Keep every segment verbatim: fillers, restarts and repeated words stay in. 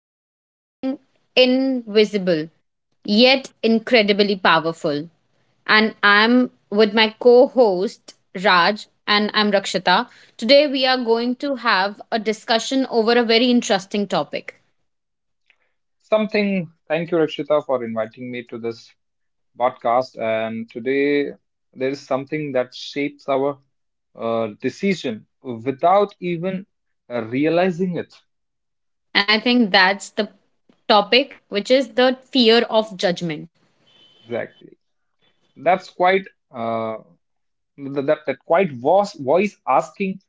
about something invisible yet incredibly powerful. And I'm with my co host, Raj, and I'm Rakshita. Today, we are going to have a discussion over a very interesting topic. Something, thank you, Rakshita, for inviting me to this podcast. And today, there is something that shapes our uh, decision without even uh, realizing it. And I think that's the topic, which is the fear of judgment. Exactly. That's quite uh, th- that that quite voice, voice asking,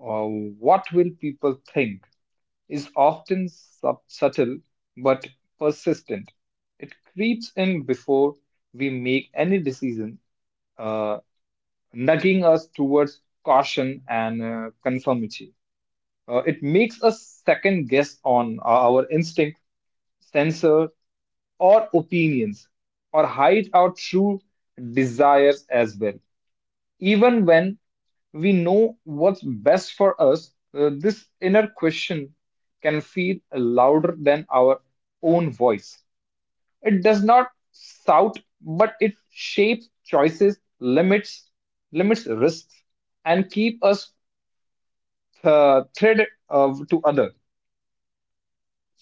uh, what will people think, is often sub- subtle but persistent. It creeps in before we make any decision, uh, nudging us towards caution and uh, conformity. Uh, it makes us second guess on uh, our instinct, censor, or opinions, or hide our true desires as well. Even when we know what's best for us, uh, this inner question can feel louder than our own voice. It does not shout, but it shapes choices, limits, limits risks, and keep us uh, thread uh, to other.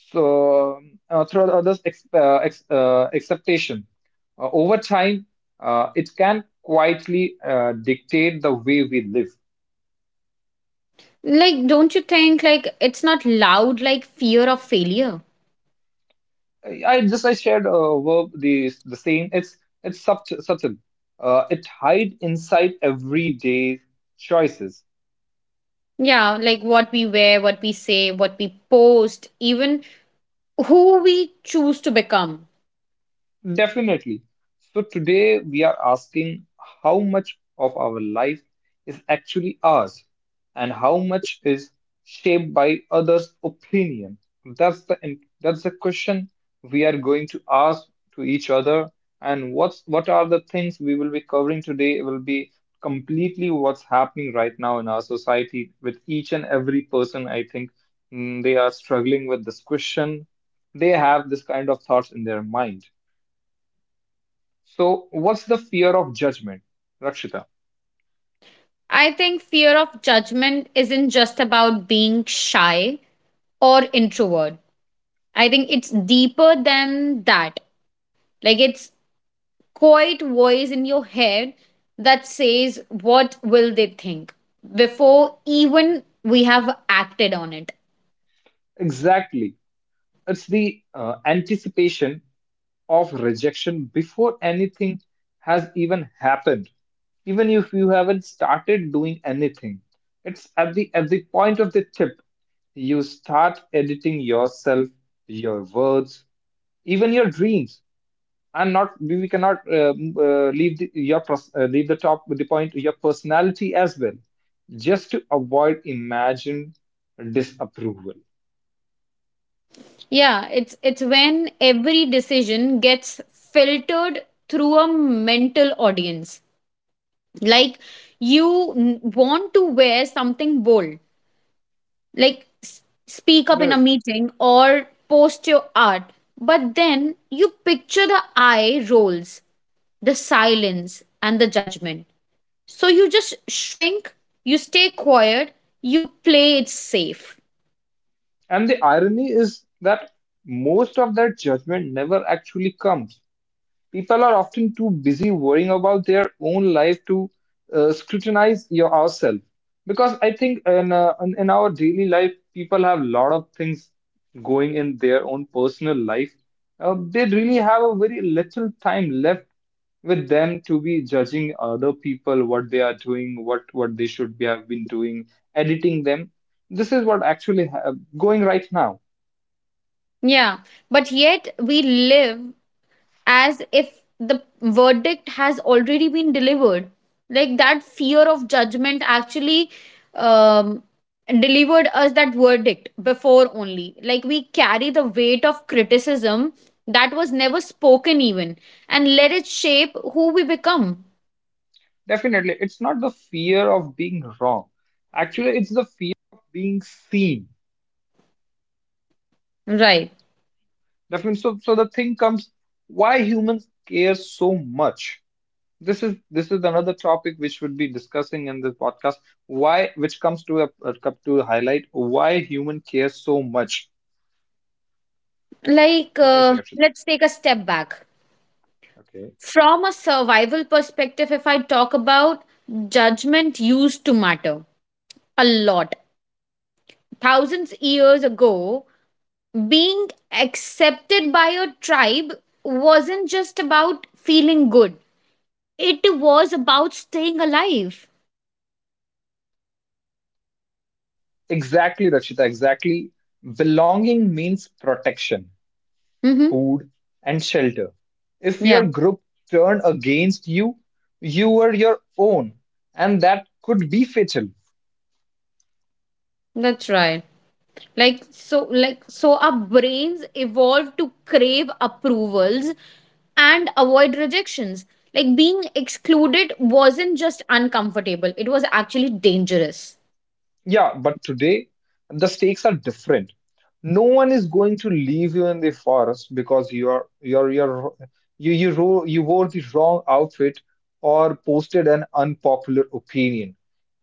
So, uh, through others' ex uh, ex uh, acceptation. Uh, over time, uh, it can quietly uh, dictate the way we live. Like, don't you think, like, it's not loud like fear of failure? I I just I shared a verb the the same. It's it's sub subtle. Uh, it hide inside everyday choices. Yeah, like what we wear, what we say, what we post, even who we choose to become. Definitely. So today we are asking how much of our life is actually ours and how much is shaped by others' opinion. That's the that's the question we are going to ask to each other, and what's what are the things we will be covering today will be completely what's happening right now in our society with each and every person. I think mm, they are struggling with this question. They have this kind of thoughts in their mind. So, what's the fear of judgment, Rakshita? I think fear of judgment isn't just about being shy or introvert. I think it's deeper than that. Like it's quiet voice in your head that says what will they think before even we have acted on it. Exactly. It's the uh, anticipation of rejection before anything has even happened. Even if you haven't started doing anything, it's at the at the point of the tip you start editing yourself, your words, even your dreams. And not, we we cannot uh, uh, leave the, your pers- uh, leave the top with the point your personality as well, just to avoid imagined disapproval. Yeah, it's it's when every decision gets filtered through a mental audience. Like you n- want to wear something bold, like s- speak up in a Yes. meeting or post your art, but then you picture the eye rolls, the silence and the judgment. So you just shrink, you stay quiet, you play it safe. And the irony is that most of that judgment never actually comes. People are often too busy worrying about their own life to uh, scrutinize your ourselves. Because I think in, uh, in in our daily life, people have a lot of things going in their own personal life. Uh, they really have a very little time left with them to be judging other people what they are doing, what what they should be have been doing, editing them. This is what actually ha- going right now. Yeah, but yet we live as if the verdict has already been delivered. Like that fear of judgment actually um, delivered us that verdict before only. Like we carry the weight of criticism that was never spoken, even, and let it shape who we become. Definitely. It's not the fear of being wrong. Actually, it's the fear of being seen. Right. Definitely. so, so the thing comes, why humans care so much. This is this is another topic which we'll be discussing in this podcast. Why, which comes to a uh, come to highlight why human cares so much. Like, What do you say, uh, Rakshita? let's take a step back. Okay. From a survival perspective, if I talk about judgment used to matter a lot. Thousands years ago, being accepted by your tribe wasn't just about feeling good, it was about staying alive. Exactly, Rakshita, exactly. Belonging means protection, Mm-hmm. food, and shelter. If Yeah, your group turned against you, you were your own, and that could be fatal. that's right. like so like so our brains evolved to crave approvals and avoid rejections, like being excluded wasn't just uncomfortable, it was actually dangerous. Yeah, but today the stakes are different. No one is going to leave you in the forest because you are you're you're you you ro- you wore the wrong outfit or posted an unpopular opinion.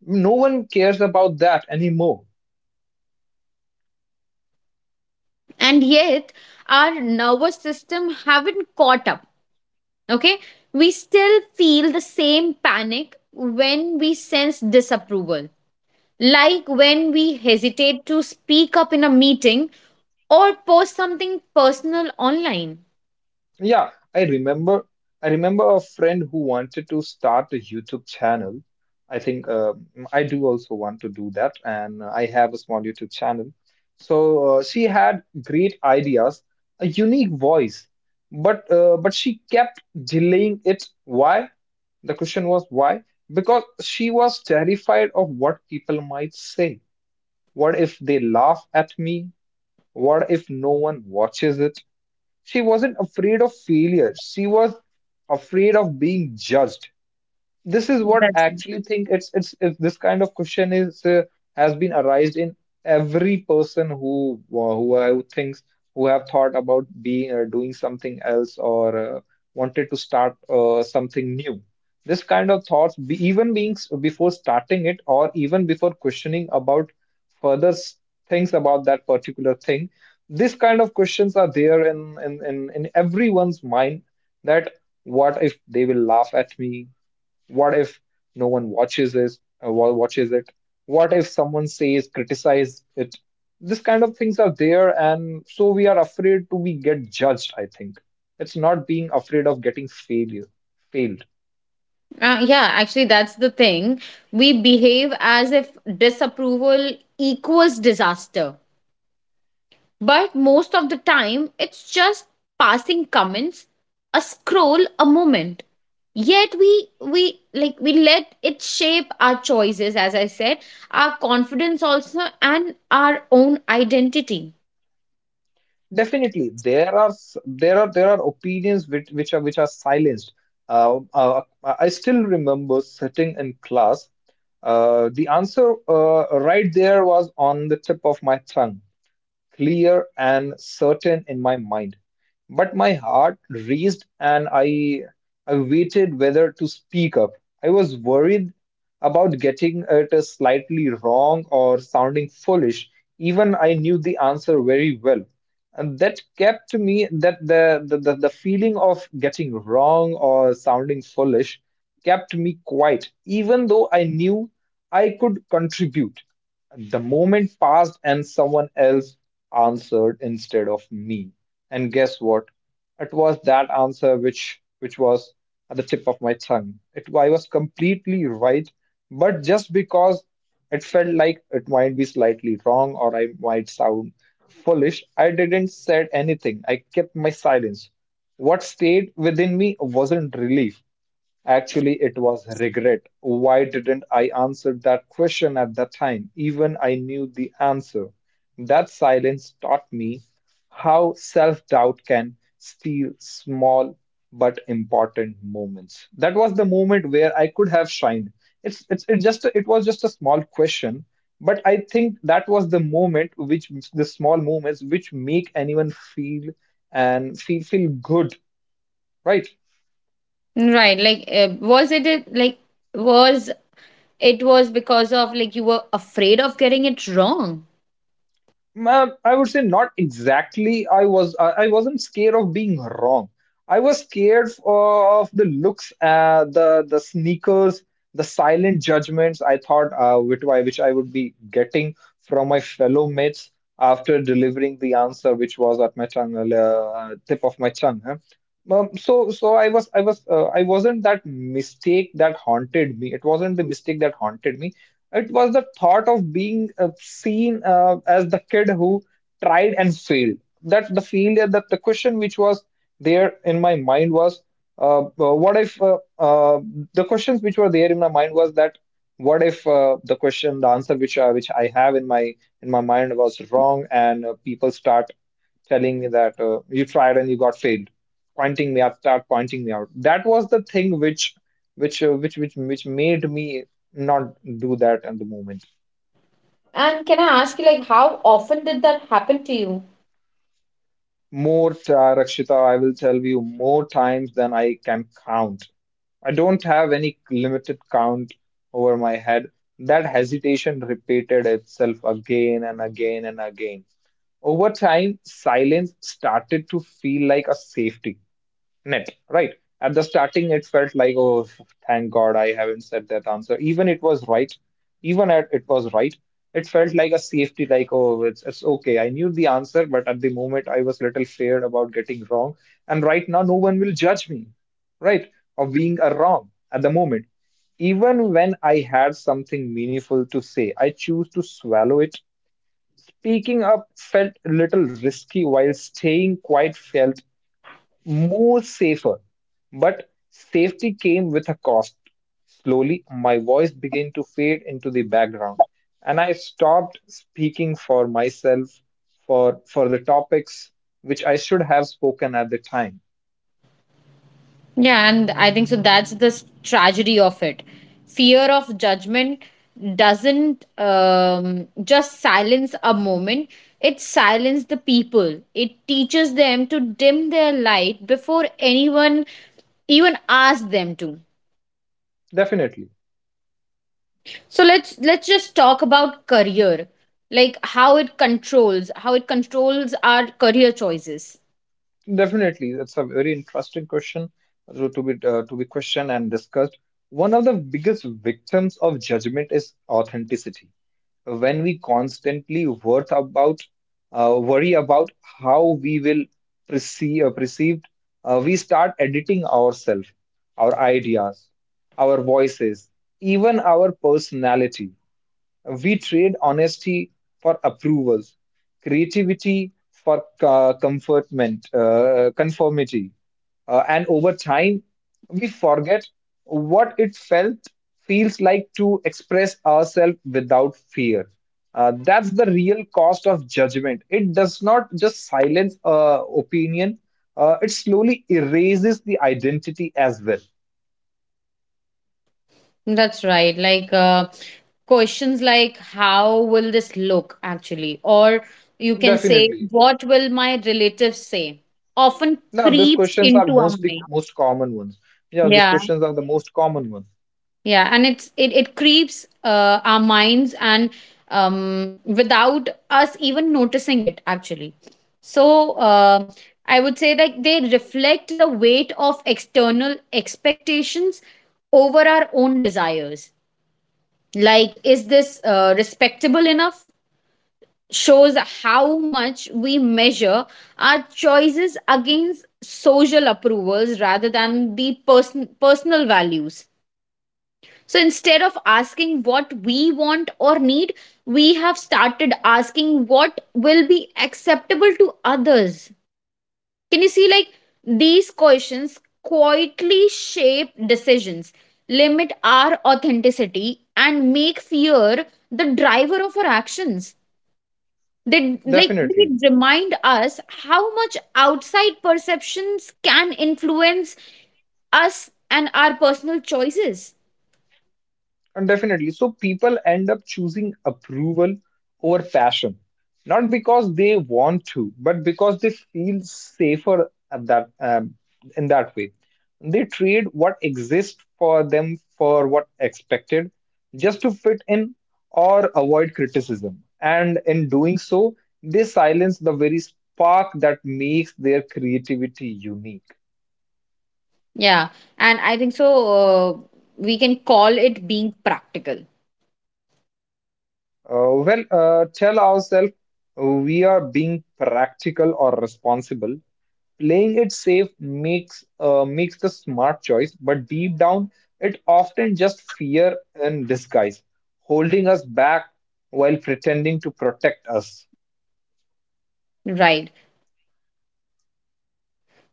No one cares about that anymore. And yet our nervous system haven't caught up, okay? We still feel the same panic when we sense disapproval, like when we hesitate to speak up in a meeting or post something personal online. Yeah, I remember. I remember a friend who wanted to start a YouTube channel. I think um, I do also want to do that, and I have a small YouTube channel. So, uh, she had great ideas, a unique voice, but uh, but she kept delaying it. Why? The question was, why? Because she was terrified of what people might say. What if they laugh at me? What if no one watches it? She wasn't afraid of failure. She was afraid of being judged. This is what I That's actually think. It's it's, it's this kind of question is, uh, has been arised in every person who who who thinks, who have thought about being or doing something else, or uh, wanted to start uh, something new. This kind of thoughts, be, even being s- before starting it, or even before questioning about further s- things about that particular thing, this kind of questions are there in in in, in everyone's mind, that what if they will laugh at me, what if no one watches it? Uh, wa- watches it? What if someone says criticize it? This kind of things are there, and so we are afraid to be get judged. I think it's not being afraid of getting failure, failed. Uh, yeah, actually, that's the thing. We behave as if disapproval equals disaster. But most of the time, it's just passing comments, a scroll, a moment. Yet we we like we let it shape our choices, as I said, our confidence also and our own identity. Definitely, there are s- there are there are opinions which, which are which are silenced. Uh, uh, uh, I still remember sitting in class uh, The answer, uh, right there, was on the tip of my tongue, clear and certain in my mind. But my heart raced, and I, I waited whether to speak up. I was worried about getting it slightly wrong or sounding foolish, even I knew the answer very well. And that kept me that the, the, the, the feeling of getting wrong or sounding foolish kept me quiet, even though I knew I could contribute. The moment passed, and someone else answered instead of me. And guess what? It was that answer which which was at the tip of my tongue. It I was completely right, but just because it felt like it might be slightly wrong or I might sound foolish, I didn't said anything. I kept my silence. What stayed within me wasn't relief. Actually, it was regret. Why didn't I answer that question at that time? Even I knew the answer. That silence taught me how self doubt can steal small but important moments. That was the moment where I could have shined. It's, it's it just it was just a small question, but I think that was the moment, which the small moments which make anyone feel and feel feel good, right? Right. Like, uh, was it a- like was it was because of like you were afraid of getting it wrong? Ma- I would say not exactly. I was I I wasn't scared of being wrong. I was scared o- of the looks, uh, the the sneakers, the silent judgments. I thought, uh, which I which I would be getting from my fellow mates after delivering the answer, which was at my tongue, uh, tip of my tongue. Huh? Um, so so I was I was uh, I wasn't that mistake that haunted me. It wasn't the mistake that haunted me. It was the thought of being uh, seen uh, as the kid who tried and failed. That's the failure. That the question which was there in my mind was, uh, uh, what if, uh, uh, the questions which were there in my mind was that, what if, uh, the question, the answer which uh, which I have in my in my mind was wrong, and uh, people start telling me that, uh, you tried and you got failed, pointing me out, start pointing me out. That was the thing which which uh, which which which made me not do that at the moment. And can I ask you, like, how often did that happen to you? More, uh, Rakshita, I will tell you, more times than I can count. I don't have any limited count over my head. That hesitation repeated itself again and again and again. Over time, silence started to feel like a safety net, right? At the starting, it felt like, oh, thank God I haven't said that answer. Even it was right, even at it was right, it felt like a safety, like, oh, it's, it's okay. I knew the answer, but at the moment, I was little feared about getting wrong. And right now, no one will judge me, right? Of being a wrong at the moment. Even when I had something meaningful to say, I choose to swallow it. Speaking up felt a little risky while staying quiet felt more safer. But safety came with a cost. Slowly, my voice began to fade into the background, and I stopped speaking for myself, for, for the topics which I should have spoken at the time. Yeah, and I think so. That's the s- tragedy of it. Fear of judgment doesn't um, just silence a moment, it silences the people. It teaches them to dim their light before anyone even asks them to. Definitely. So let's let's just talk about career, like how it controls, how it controls our career choices. Definitely, that's a very interesting question, so to be, uh, to be questioned and discussed. One of the biggest victims of judgment is authenticity. When we constantly worth about uh, worry about how we will perceive uh, perceived, uh, we start editing ourselves, our ideas, our voices, even our personality. We trade honesty for approvals, creativity for co- comfortment, uh, conformity. Uh, and over time, we forget what it felt feels like to express ourselves without fear. Uh, that's the real cost of judgment. It does not just silence uh, opinion, uh, it slowly erases the identity as well. That's right. Like uh, questions like how will this look actually, or you can say Definitely. what will my relatives say, often No, these creeps questions are into our mostly mind. most common ones. Yeah, these Yeah, questions are the most common ones. yeah, and it's it it creeps uh, our minds and um without us even noticing it actually. So uh, I would say like they reflect the weight of external expectations over our own desires. Like is this uh, respectable enough shows how much we measure our choices against social approvals rather than the person personal values. So instead of asking what we want or need, we have started asking what will be acceptable to others. Can you see like these questions Yes, quietly you are right. I shape th I think, decisions, Rakshita. limit our authenticity, and make fear the driver of our actions? They like Definitely. they remind us how much outside perceptions can influence us and our personal choices. Uh, Definitely. So people end up choosing approval over passion, not because they want to, but because they feel safer at that um, in that way. They trade what exists for them for what expected, just to fit in or avoid criticism. And in doing so, they silence the very spark that makes their creativity unique. Yeah, and I think so. Uh, we can call it being practical, Uh, well, uh, tell ourselves uh, we are being practical or responsible. Playing it safe makes uh, makes the smart choice, but deep down, it often just fear in disguise, holding us back while pretending to protect us. right?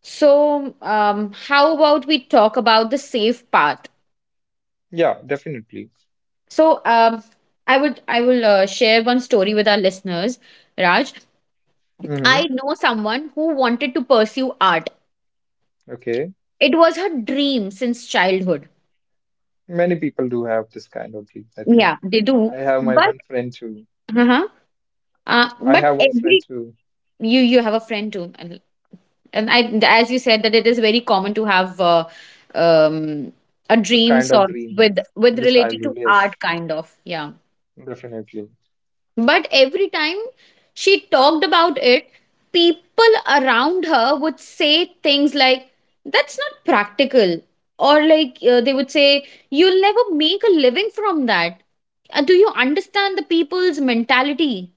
So, um, how about we talk about the safe path? Yeah, definitely. So, um, I would I will uh, share one story with our listeners, Raj. I Hmm. know someone who wanted to pursue art. Okay, It was her dream since childhood. many people do have this kind of dream. I Yeah, think they do. I have my But one friend too. uh-huh, uh, I but have one friend every too. you you have a friend too, and and I, as you said, that it is very common to have uh, um a This kind dreams of or dream with with in the related to childhood. Yes, art kind of, yeah. definitely. But every time she talked about it, people around her would say things like, that's not practical. Or like uh, they would say, you'll never make a living from that. Uh, do you understand the people's mentality?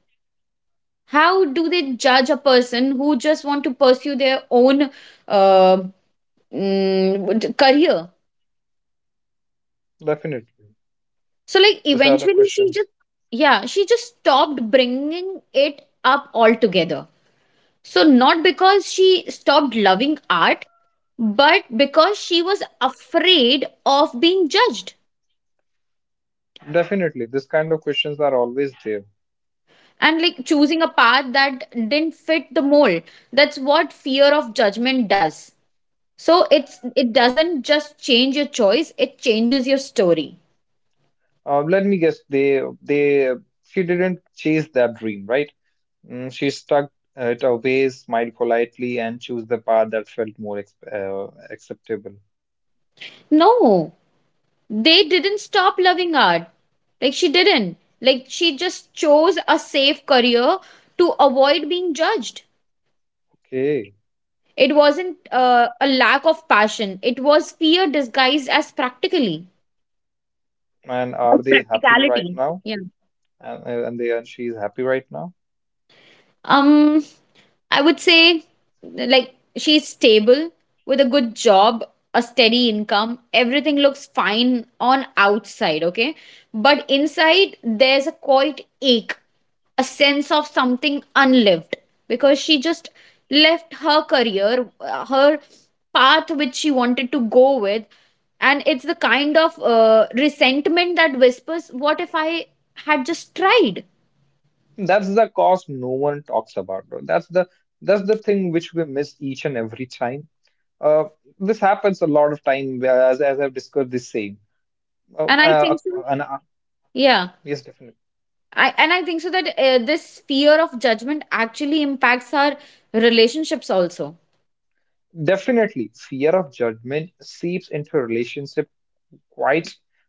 How do they judge a person who just want to pursue their own uh, mm, career? Definitely. So like These are the eventually she just, questions. yeah, she just stopped bringing it up altogether. So, not because she stopped loving art, but because she was afraid of being judged Definitely, this kind of questions are always there. and like choosing a path that didn't fit the mold. That's what fear of judgment does. So, it's it doesn't just change your choice, it changes your story. Uh, let me guess, they they she didn't chase that dream, right? Mm, she stuck uh, it away, smiled politely, and chose the path that felt more ex uh, acceptable. No, they didn't stop loving art. Like, she didn't. Like, she just chose a safe career to avoid being judged. Okay. It wasn't uh, a lack of passion, it was fear disguised as practically. And are they happy right Practicality. now? Yeah. And uh, and they and she's happy right now. Um, I would say, like, she's stable with a good job, a steady income. Everything looks fine on outside, okay? But inside, there's a quiet ache, a sense of something unlived because she just left her career, uh, her path which she wanted to go with. And it's the kind of uh, resentment that whispers, what if I had just tried? That's the cost no one talks about, though. That's the that's the thing which we miss each and every time. Uh, this happens a lot of time, as, as I've discussed this saying. Uh, And I uh, think so. and, uh, Yeah. yes, definitely. I and I think so that uh, this fear of judgment actually impacts our relationships also. Definitely, fear of judgment seeps into relationships quite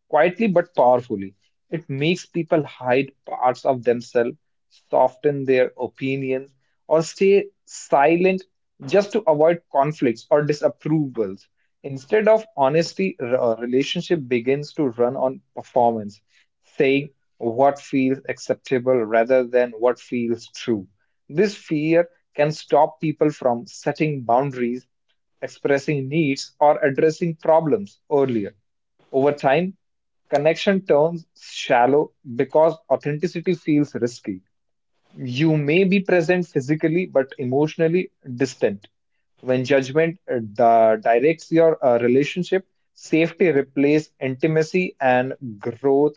quietly but powerfully. It makes people hide parts of themselves, soften their opinions, or stay silent just to avoid conflicts or disapprovals. Instead of honesty, a relationship begins to run on performance, saying what feels acceptable rather than what feels true. This fear can stop people from setting boundaries, expressing needs, or addressing problems earlier. Over time, connection turns shallow because authenticity feels risky. You may be present physically but emotionally distant. When judgment uh, di- directs your uh, relationship, safety replaces intimacy, and growth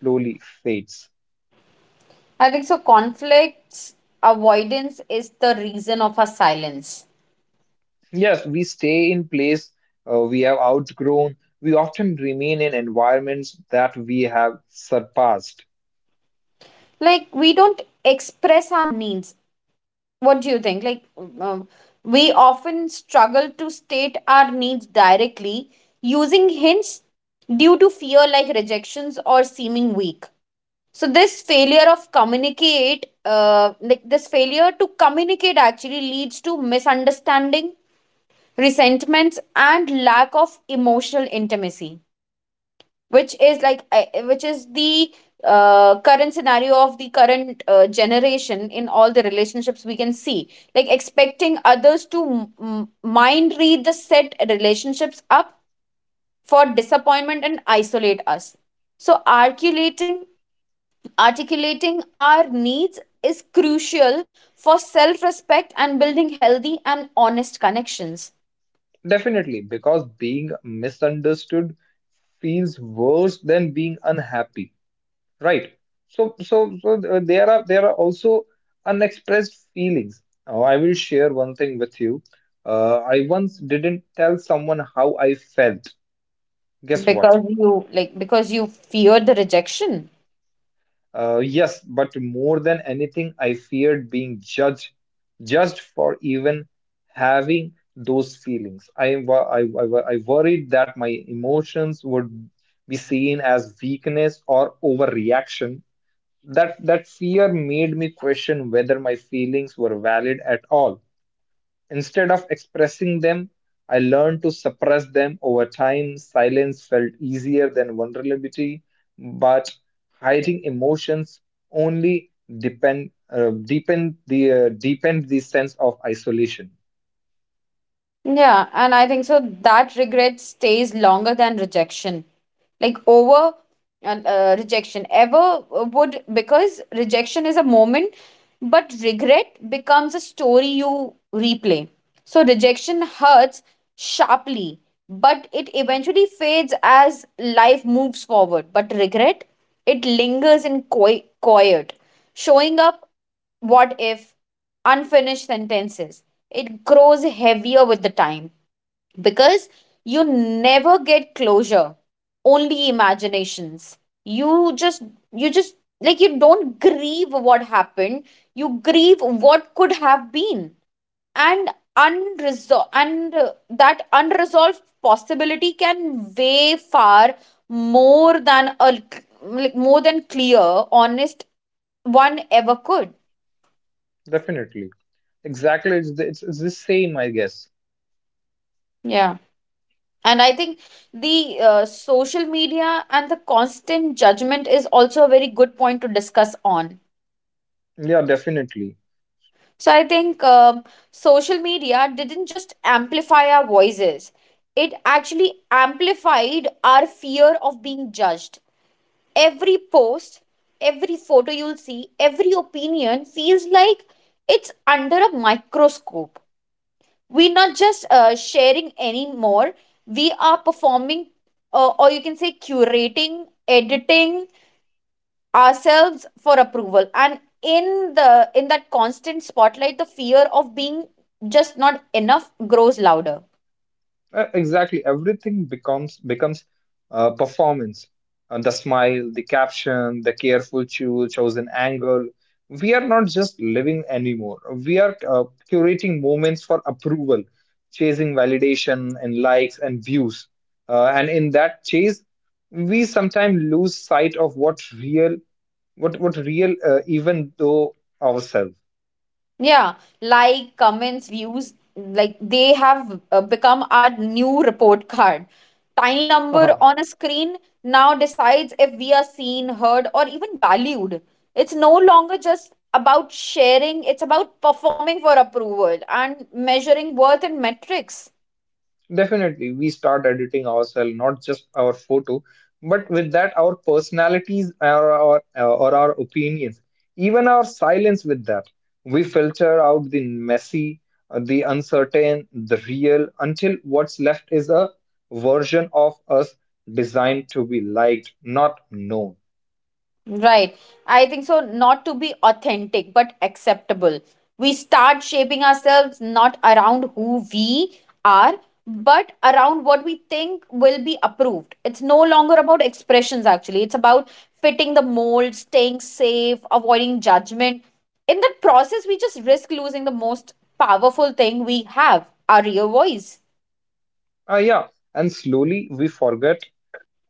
slowly fades. I think so. Conflicts avoidance is the reason of our silence. Yes, we stay in place uh, we have outgrown. We often remain in environments that we have surpassed. Like, we don't express our needs. What do you think? Like, um, we often struggle to state our needs directly using hints due to fear, like rejections or seeming weak. So this failure of communicate uh, like this failure to communicate actually leads to misunderstanding, resentments and lack of emotional intimacy, which is like uh, which is the uh, current scenario of the current uh, generation in all the relationships we can see, like expecting others to m- mind read the set relationships up for disappointment and isolate us. So articulating articulating our needs is crucial for self respect and building healthy and honest connections, Definitely, because being misunderstood feels worse than being unhappy, right? So, so, so uh, there are there are also unexpressed feelings. Now, I will share one thing with you. Uh, I once didn't tell someone how I felt. Guess what? because you like because you fear the rejection. Uh, yes, but more than anything, I feared being judged, judged for even having those feelings. I, wo- I, I, wo- I worried that my emotions would be seen as weakness or overreaction. That that fear made me question whether my feelings were valid at all. Instead of expressing them, I learned to suppress them over time. Silence felt easier than vulnerability, but hiding emotions only depend, uh, deepened the uh, deepened the sense of isolation. Yeah, and I think so that regret stays longer than rejection. Like over and uh, rejection ever would, because rejection is a moment, but regret becomes a story you replay. So rejection hurts sharply, but it eventually fades as life moves forward. But regret, it lingers in qui- quiet, showing up what if, unfinished sentences. It grows heavier with the time because you never get closure, only imaginations. You just, you just, like, you don't grieve what happened, you grieve what could have been. And unresolved, and uh, that unresolved possibility can weigh far more than a like more than clear, honest one ever could. Definitely, exactly, it's the, it's, it's the same, I guess. Yeah, and I think the uh, social media and the constant judgment is also a very good point to discuss on. Yeah, definitely. So I think um, social media didn't just amplify our voices, it actually amplified our fear of being judged. Every post, every photo you'll see, every opinion feels like it's under a microscope. We're not just uh, sharing anymore, we are performing, uh, or you can say curating, editing ourselves for approval, and in the in that constant spotlight the fear of being just not enough grows louder. Uh, Exactly. Everything becomes becomes uh, performance. Uh, the smile, the caption, the careful cho- chosen angle. We are not just living anymore. We are uh, curating moments for approval, chasing validation and likes and views. Uh, and in that chase, we sometimes lose sight of what real, what what real, uh, even though ourselves. Yeah, like comments, views, like they have uh, become our new report card. Tiny number on a screen now decides if we are seen, heard, or even valued. It's no longer just about sharing, it's about performing for approval and measuring worth in metrics. Definitely, we start editing ourselves, not just our photo, but with that, our personalities or our, uh, or our opinions, even our silence with that. We filter out the messy, uh, the uncertain, the real, until what's left is a version of us designed to be liked, not known. Right. I think so, not to be authentic, but acceptable. We start shaping ourselves not around who we are, but around what we think will be approved. It's no longer about expressions, actually. It's about fitting the mold, staying safe, avoiding judgment. In that process, we just risk losing the most powerful thing we have, our real voice. Ah, yeah, and slowly we forget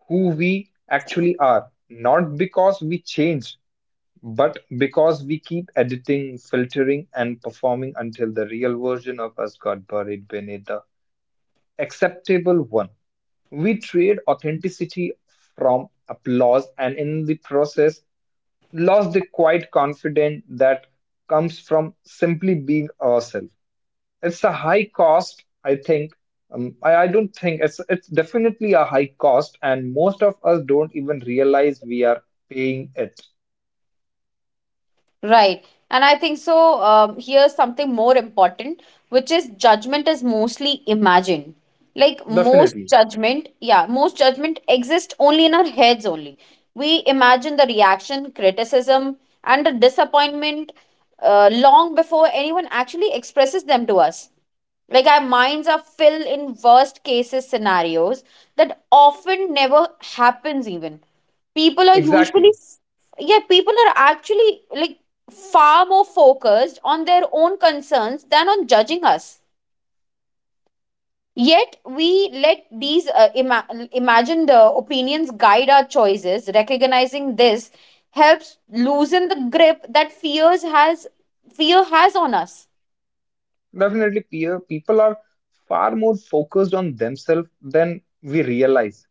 who we actually are, not because we changed But because we keep editing, filtering, and performing until the real version of us got buried beneath the acceptable one. We trade authenticity from applause and in the process lost the quiet confidence that comes from simply being ourselves. It's a high cost, I think. Um, I, I don't think it's it's definitely a high cost, and most of us don't even realize we are paying it. Right. And I think so. Um, here's something more important, which is judgment is mostly imagined. Like most Definitely. judgment, yeah, most judgment exists only in our heads only. We imagine the reaction, criticism, and the disappointment uh, long before anyone actually expresses them to us, like our minds are filled in worst cases scenarios that often never happens. Even people are usually Exactly. yeah, people are actually, like, far more focused on their own concerns than on judging us. Yet we let these uh, ima- imagine the opinions guide our choices. Recognizing this helps loosen the grip that fears has fear has on us. Definitely, peer people are far more focused on themselves than we realize.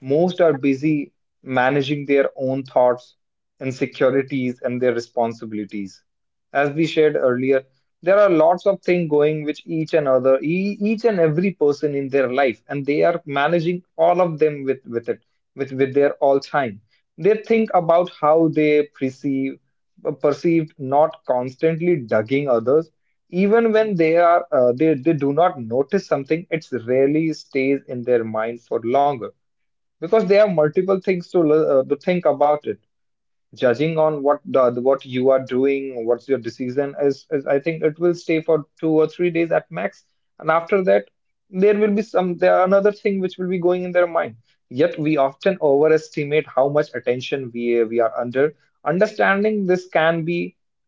Most are busy managing their own thoughts, insecurities, and their responsibilities. As we shared earlier, there are lots of things going which each and other, e- each and every person in their life, and they are managing all of them with with it, with with their all time. They think about how they perceive, perceived, not constantly dugging others, even when they are uh, they, they do not notice something. It rarely stays in their mind for longer because there are multiple things to l- uh, to think about it, judging on what the, what you are doing, what's your decision is, is I think it will stay for two or three days at max. And after that there will be some there are another thing which will be going in their mind. Yet we often overestimate how much attention we we are under. Understanding this can be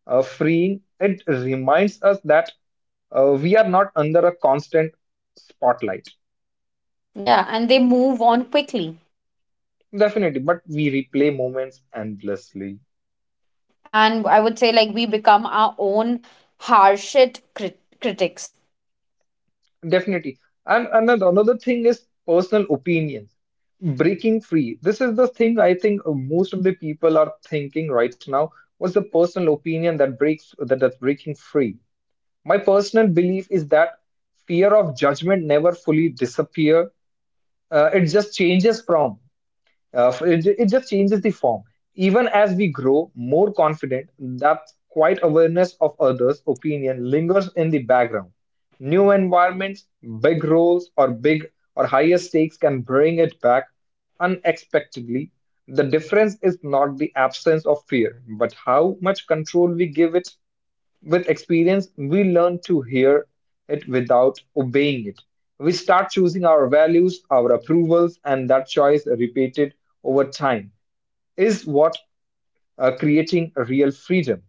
uh, freeing. It reminds us that uh, we are not under a constant spotlight. Yeah, and they move on quickly, Definitely, but we replay moments endlessly. and I would say like we become our own harshest crit- critics. Definitely. And another another thing is personal opinions. Breaking free. This is the thing I think uh, most of the people are thinking right now. What's the personal opinion that breaks that that's breaking free? My personal belief is that fear of judgment never fully disappear. Uh, it just changes from. Uh, it, ju- it just changes the form. Even as we grow more confident, that quiet awareness of others' opinion lingers in the background. New environments, big roles, or big or higher stakes can bring it back unexpectedly. The difference is not the absence of fear, but how much control we give it. With experience, we learn to hear it without obeying it. We start choosing our values, our approvals, and that choice repeated over time is what uh, creating real freedom.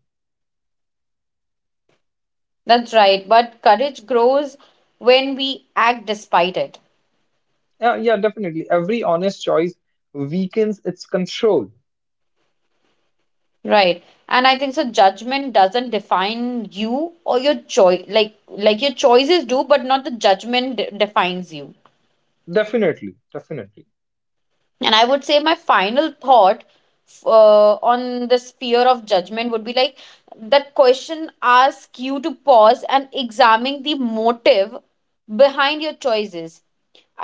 That's right, but courage grows when we act despite it. Yeah, yeah, definitely. Every honest choice weakens its control. Right, and I think so, judgment doesn't define you or your choice, like like your choices do, but not the judgment de- defines you. Definitely, definitely. And I would say my final thought uh, on this fear of judgment would be like that question asks you to pause and examine the motive behind your choices.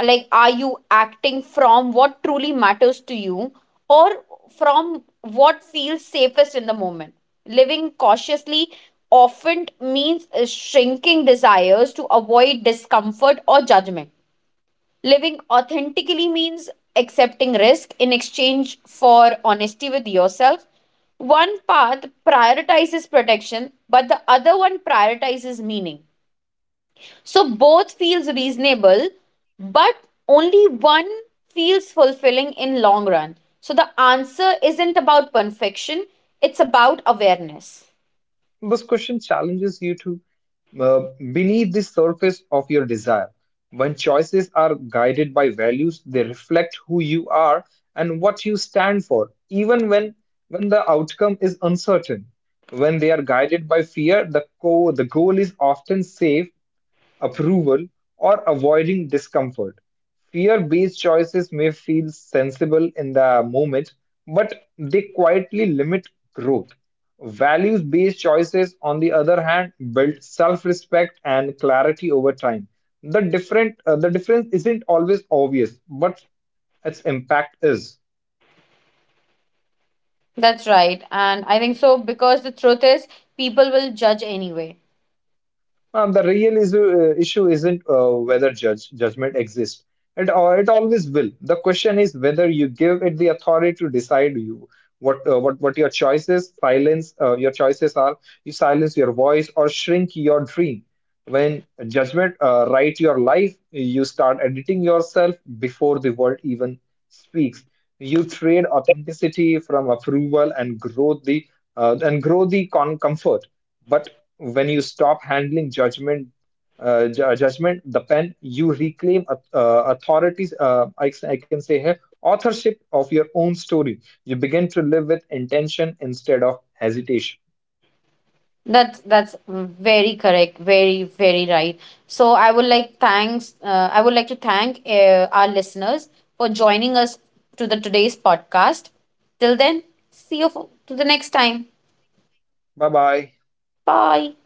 Like, are you acting from what truly matters to you, or from what feels safest in the moment? Living cautiously often means uh, shrinking desires to avoid discomfort or judgment. Living authentically means accepting risk in exchange for honesty with yourself. One path prioritizes protection, but the other one prioritizes meaning. So both feels reasonable, but only one feels fulfilling in long run. So the answer isn't about perfection, it's about awareness. This question challenges you to uh, beneath the surface of your desire. When choices are guided by values, they reflect who you are and what you stand for, even when, when the outcome is uncertain. When they are guided by fear, the, co- the goal is often safe approval, or avoiding discomfort. Fear based choices may feel sensible in the moment, but they quietly limit growth. Values based choices, on the other hand, build self respect and clarity over time. The, different, uh, the difference isn't always obvious, but its impact is. That's right. And I think so, because the truth is people will judge anyway. Um, the real issue, uh, issue isn't uh, whether judge, judgment exists. It, uh, it always will. The question is whether you give it the authority to decide you what uh, what what your choices silence uh, your choices are. You silence your voice or shrink your dream. When judgment uh, writes your life, you start editing yourself before the world even speaks. You trade authenticity from approval and grow the uh, and grow the con- comfort. But when you stop handling judgment, uh, ju- judgment, the pen, you reclaim au- uh, authorities. Uh, I, I can say here authorship of your own story. You begin to live with intention instead of hesitation. That's that's very correct, very very right. So I would like thanks. Uh, I would like to thank uh, our listeners for joining us to the today's podcast. Till then, see you for, to the next time. Bye bye. Bye.